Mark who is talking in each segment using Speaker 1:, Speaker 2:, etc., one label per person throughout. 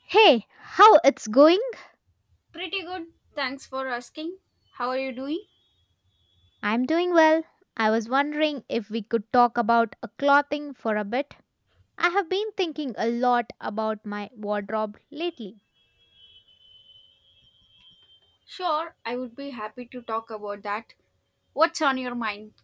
Speaker 1: Hey, how it's going?
Speaker 2: Pretty good. Thanks for asking. How are you doing?
Speaker 1: I'm doing well. I was wondering if we could talk about a clothing for a bit. I have been thinking a lot about my wardrobe lately.
Speaker 2: Sure, I would be happy to talk about that. What's on your mind?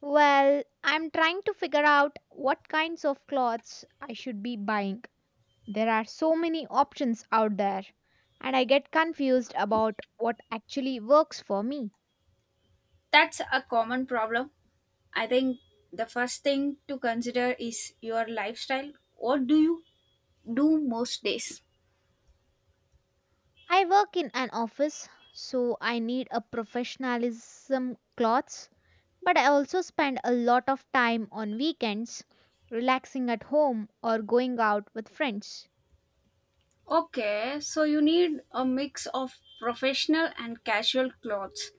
Speaker 1: Well, I'm trying to figure out what kinds of clothes I should be buying. There are so many options out there, and I get confused about what actually works for me.
Speaker 2: That's a common problem. I think the first thing to consider is your lifestyle. What do you do most days?
Speaker 1: I work in an office, so I need a professionalism clothes. But I also spend a lot of time on weekends relaxing at home or going out with friends.
Speaker 2: Okay, so you need a mix of professional and casual clothes.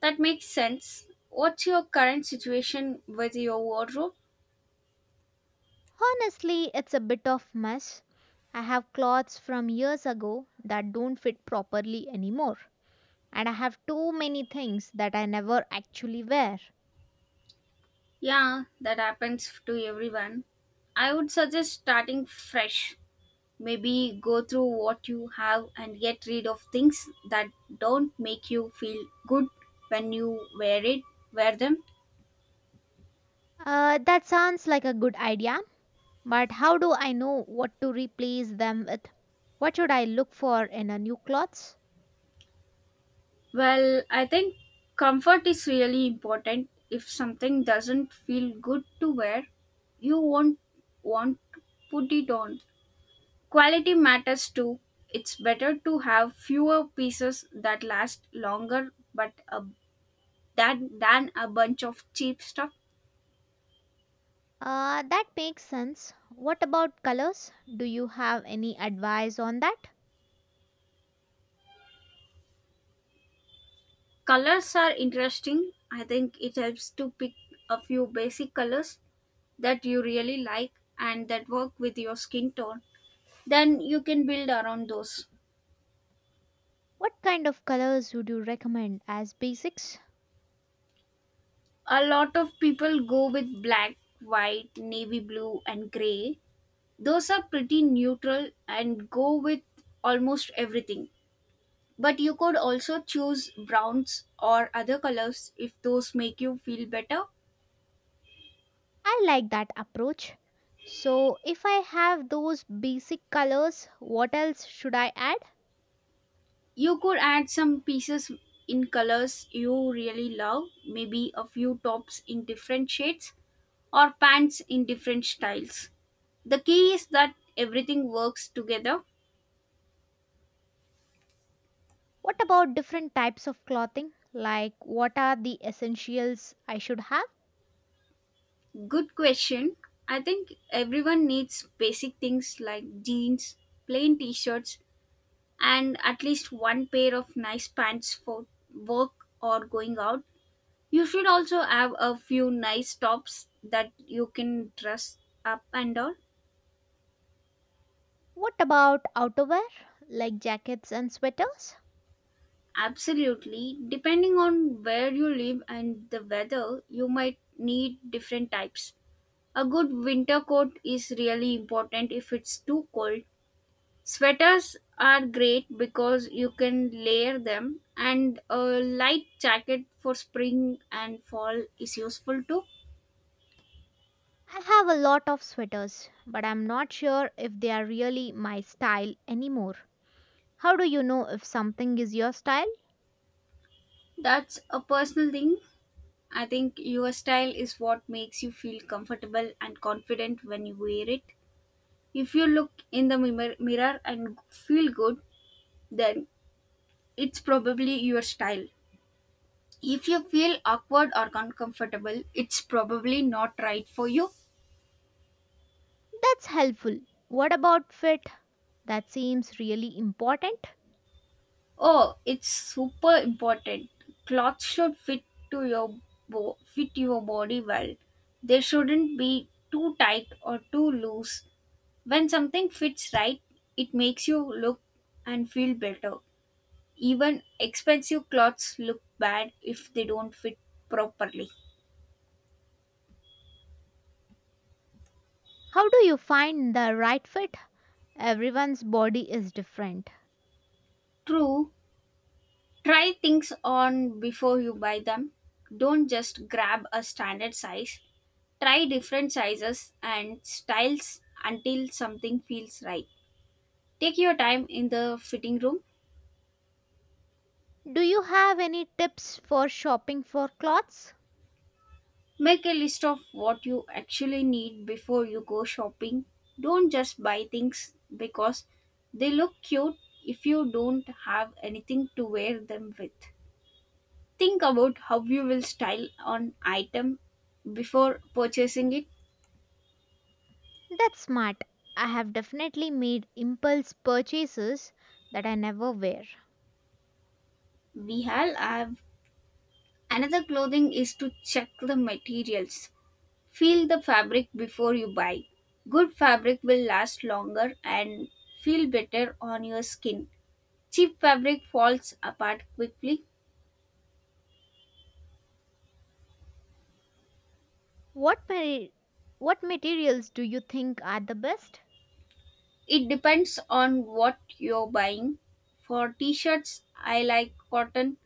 Speaker 2: That makes sense. What's your current situation with your wardrobe?
Speaker 1: Honestly, it's a bit of mess. I have clothes from years ago that don't fit properly anymore, and I have too many things that I never actually wear.
Speaker 2: Yeah, that happens to everyone. I would suggest starting fresh. Maybe go through what you have and get rid of things that don't make you feel good when you wear them.
Speaker 1: That sounds like a good idea, but how do I know what to replace them with? What should I look for in a new clothes?
Speaker 2: Well, I think comfort is really important. If something doesn't feel good to wear, you won't want to put it on. Quality matters too. It's better to have fewer pieces that last longer, but a than a bunch of cheap stuff.
Speaker 1: That makes sense. What about colors? Do you have any advice on that?
Speaker 2: Colors are interesting. I think it helps to pick a few basic colors that you really like and that work with your skin tone. Then you can build around those.
Speaker 1: What kind of colors would you recommend as basics?
Speaker 2: A lot of people go with black, white, navy blue, and gray. Those are pretty neutral and go with almost everything. But you could also choose browns or other colors if those make you feel better.
Speaker 1: I like that approach. So, if I have those basic colors, what else should I add?
Speaker 2: You could add some pieces in colors you really love, maybe a few tops in different shades or pants in different styles. The key is that everything works together.
Speaker 1: What about different types of clothing? Like, what are the essentials I should have?
Speaker 2: Good question. I think everyone needs basic things like jeans, plain t shirts, and at least one pair of nice pants for work or going out. You should also have a few nice tops that you can dress up and all.
Speaker 1: What about outerwear, like jackets and sweaters?
Speaker 2: Absolutely. Depending on where you live and the weather, you might need different types. A good winter coat is really important if it's too cold. Sweaters are great because you can layer them, and a light jacket for spring and fall is useful too.
Speaker 1: I have a lot of sweaters, but I'm not sure if they are really my style anymore. How do you know if something is your style?
Speaker 2: That's a personal thing. I think your style is what makes you feel comfortable and confident when you wear it. If you look in the mirror and feel good, then it's probably your style. If you feel awkward or uncomfortable, it's probably not right for you.
Speaker 1: That's helpful. What about fit? That seems really important.
Speaker 2: Oh, it's super important. Clothes should to your fit your body well. They shouldn't be too tight or too loose. When something fits right, it makes you look and feel better. Even expensive clothes look bad if they don't fit properly.
Speaker 1: How do you find the right fit? Everyone's body is different.
Speaker 2: True, try things on before you buy them. Don't just grab a standard size. Try different sizes and styles until something feels right. Take your time in the fitting room.
Speaker 1: Do you have any tips for shopping for clothes?
Speaker 2: Make a list of what you actually need before you go shopping. Don't just buy things because they look cute if you don't have anything to wear them with. Think about how you will style an item before purchasing it.
Speaker 1: That's smart. I have definitely made impulse purchases that I never wear.
Speaker 2: We all have. Another clothing is to check the materials. Feel the fabric before you buy. Good fabric will last longer and feel better on your skin. Cheap fabric falls apart quickly.
Speaker 1: What ma- what materials do you think are the best?
Speaker 2: It depends on what you're buying. For t shirts, I like cotton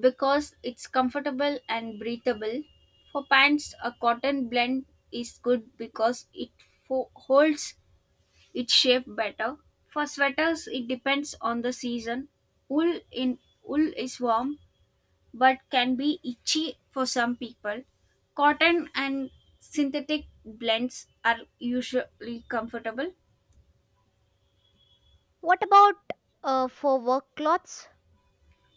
Speaker 2: because it's comfortable and breathable. For pants, a cotton blend is good because it holds it's shaped better. For sweaters, it depends on the season. Wool in wool is warm but can be itchy for some people. Cotton and synthetic blends are usually comfortable.
Speaker 1: What about for work clothes?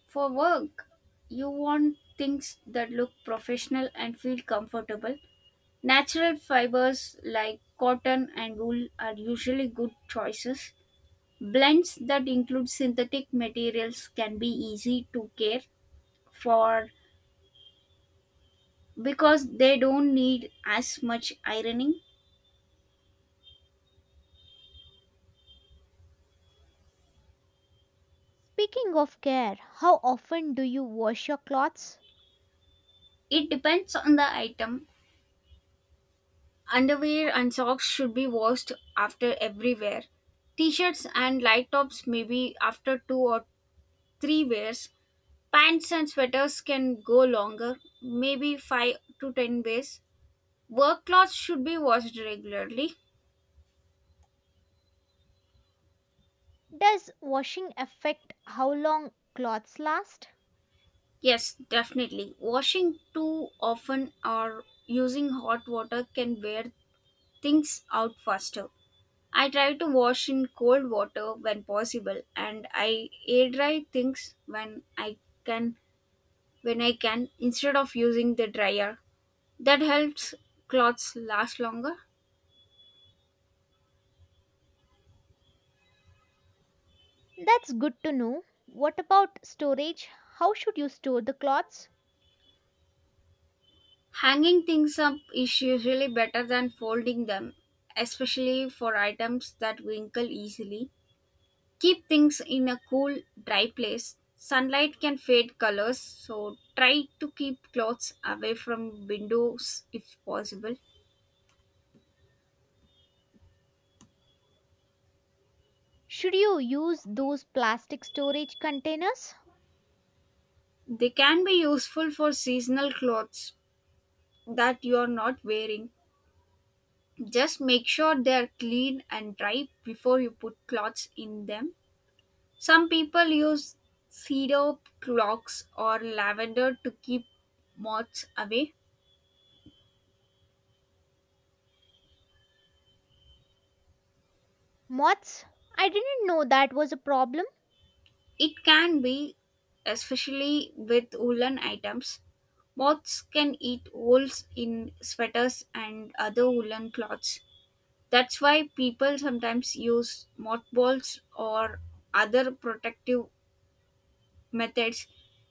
Speaker 2: For work, you want things that look professional and feel comfortable. Natural fibers like cotton and wool are usually good choices. Blends that include synthetic materials can be easy to care for because they don't need as much ironing.
Speaker 1: Speaking of care, how often do you wash your clothes?
Speaker 2: It depends on the item. Underwear and socks should be washed after every wear. T-shirts and light tops maybe after two or three wears. Pants and sweaters can go longer, maybe 5 to 10 days. Work clothes should be washed regularly.
Speaker 1: Does washing affect how long clothes last?
Speaker 2: Yes, definitely. Washing too often or using hot water can wear things out faster. I try to wash in cold water when possible, and I air dry things can when I can instead of using the dryer. That helps clothes last longer.
Speaker 1: That's good to know. What about storage? How should you store the clothes?
Speaker 2: Hanging things up is usually better than folding them, especially for items that wrinkle easily. Keep things in a cool, dry place. Sunlight can fade colors, so try to keep clothes away from windows if possible.
Speaker 1: Should you use those plastic storage containers?
Speaker 2: They can be useful for seasonal clothes that you are not wearing. Just make sure they are clean and dry before you put cloths in them. Some people use cedar clogs or lavender to keep moths away.
Speaker 1: Moths? I didn't know that was a problem.
Speaker 2: It can be, especially with woolen items. Moths can eat holes in sweaters and other woolen cloths. That's why people sometimes use mothballs or other protective methods.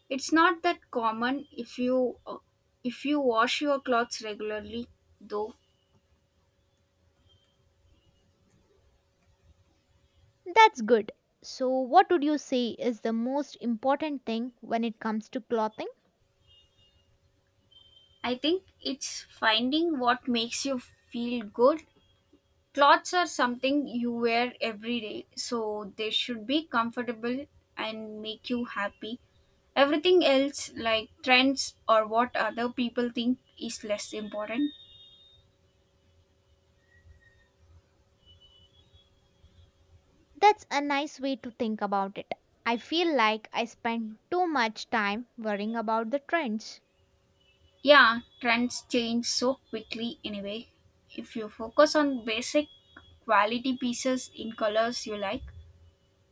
Speaker 2: It's not that common if you wash your clothes regularly though.
Speaker 1: That's good. So, what would you say is the most important thing when it comes to clothing?
Speaker 2: I think it's finding what makes you feel good. Clothes are something you wear every day, so they should be comfortable and make you happy. Everything else like trends or what other people think is less important.
Speaker 1: That's a nice way to think about it. I feel like I spend too much time worrying about the trends.
Speaker 2: Yeah, trends change so quickly anyway. If you focus on basic quality pieces in colors you like,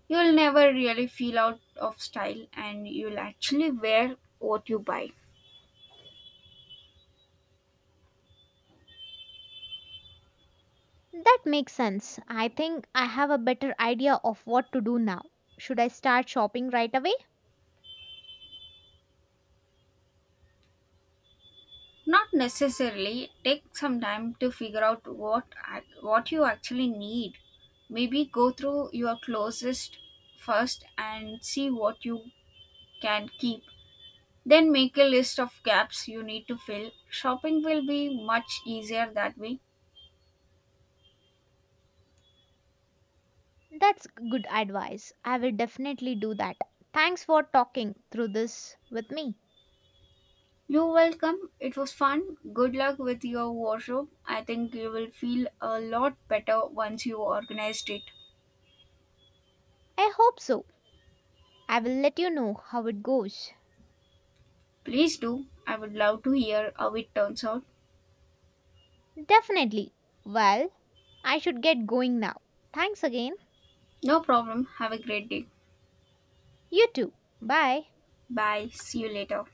Speaker 2: you'll never really feel out of style and you'll actually wear what you buy.
Speaker 1: That makes sense. I think I have a better idea of what to do now. Should I start shopping right away?
Speaker 2: Not necessarily, take some time to figure out what you actually need. Maybe go through your closest first and see what you can keep. Then make a list of gaps you need to fill. Shopping will be much easier that way.
Speaker 1: That's good advice. I will definitely do that. Thanks for talking through this with me.
Speaker 2: You are welcome. It was fun. Good luck with your wardrobe. I think you will feel a lot better once you organized it.
Speaker 1: I hope so. I will let you know how it goes.
Speaker 2: Please do. I would love to hear how it turns out.
Speaker 1: Definitely. Well, I should get going now. Thanks again.
Speaker 2: No problem. Have a great day.
Speaker 1: You too. Bye.
Speaker 2: Bye. See you later.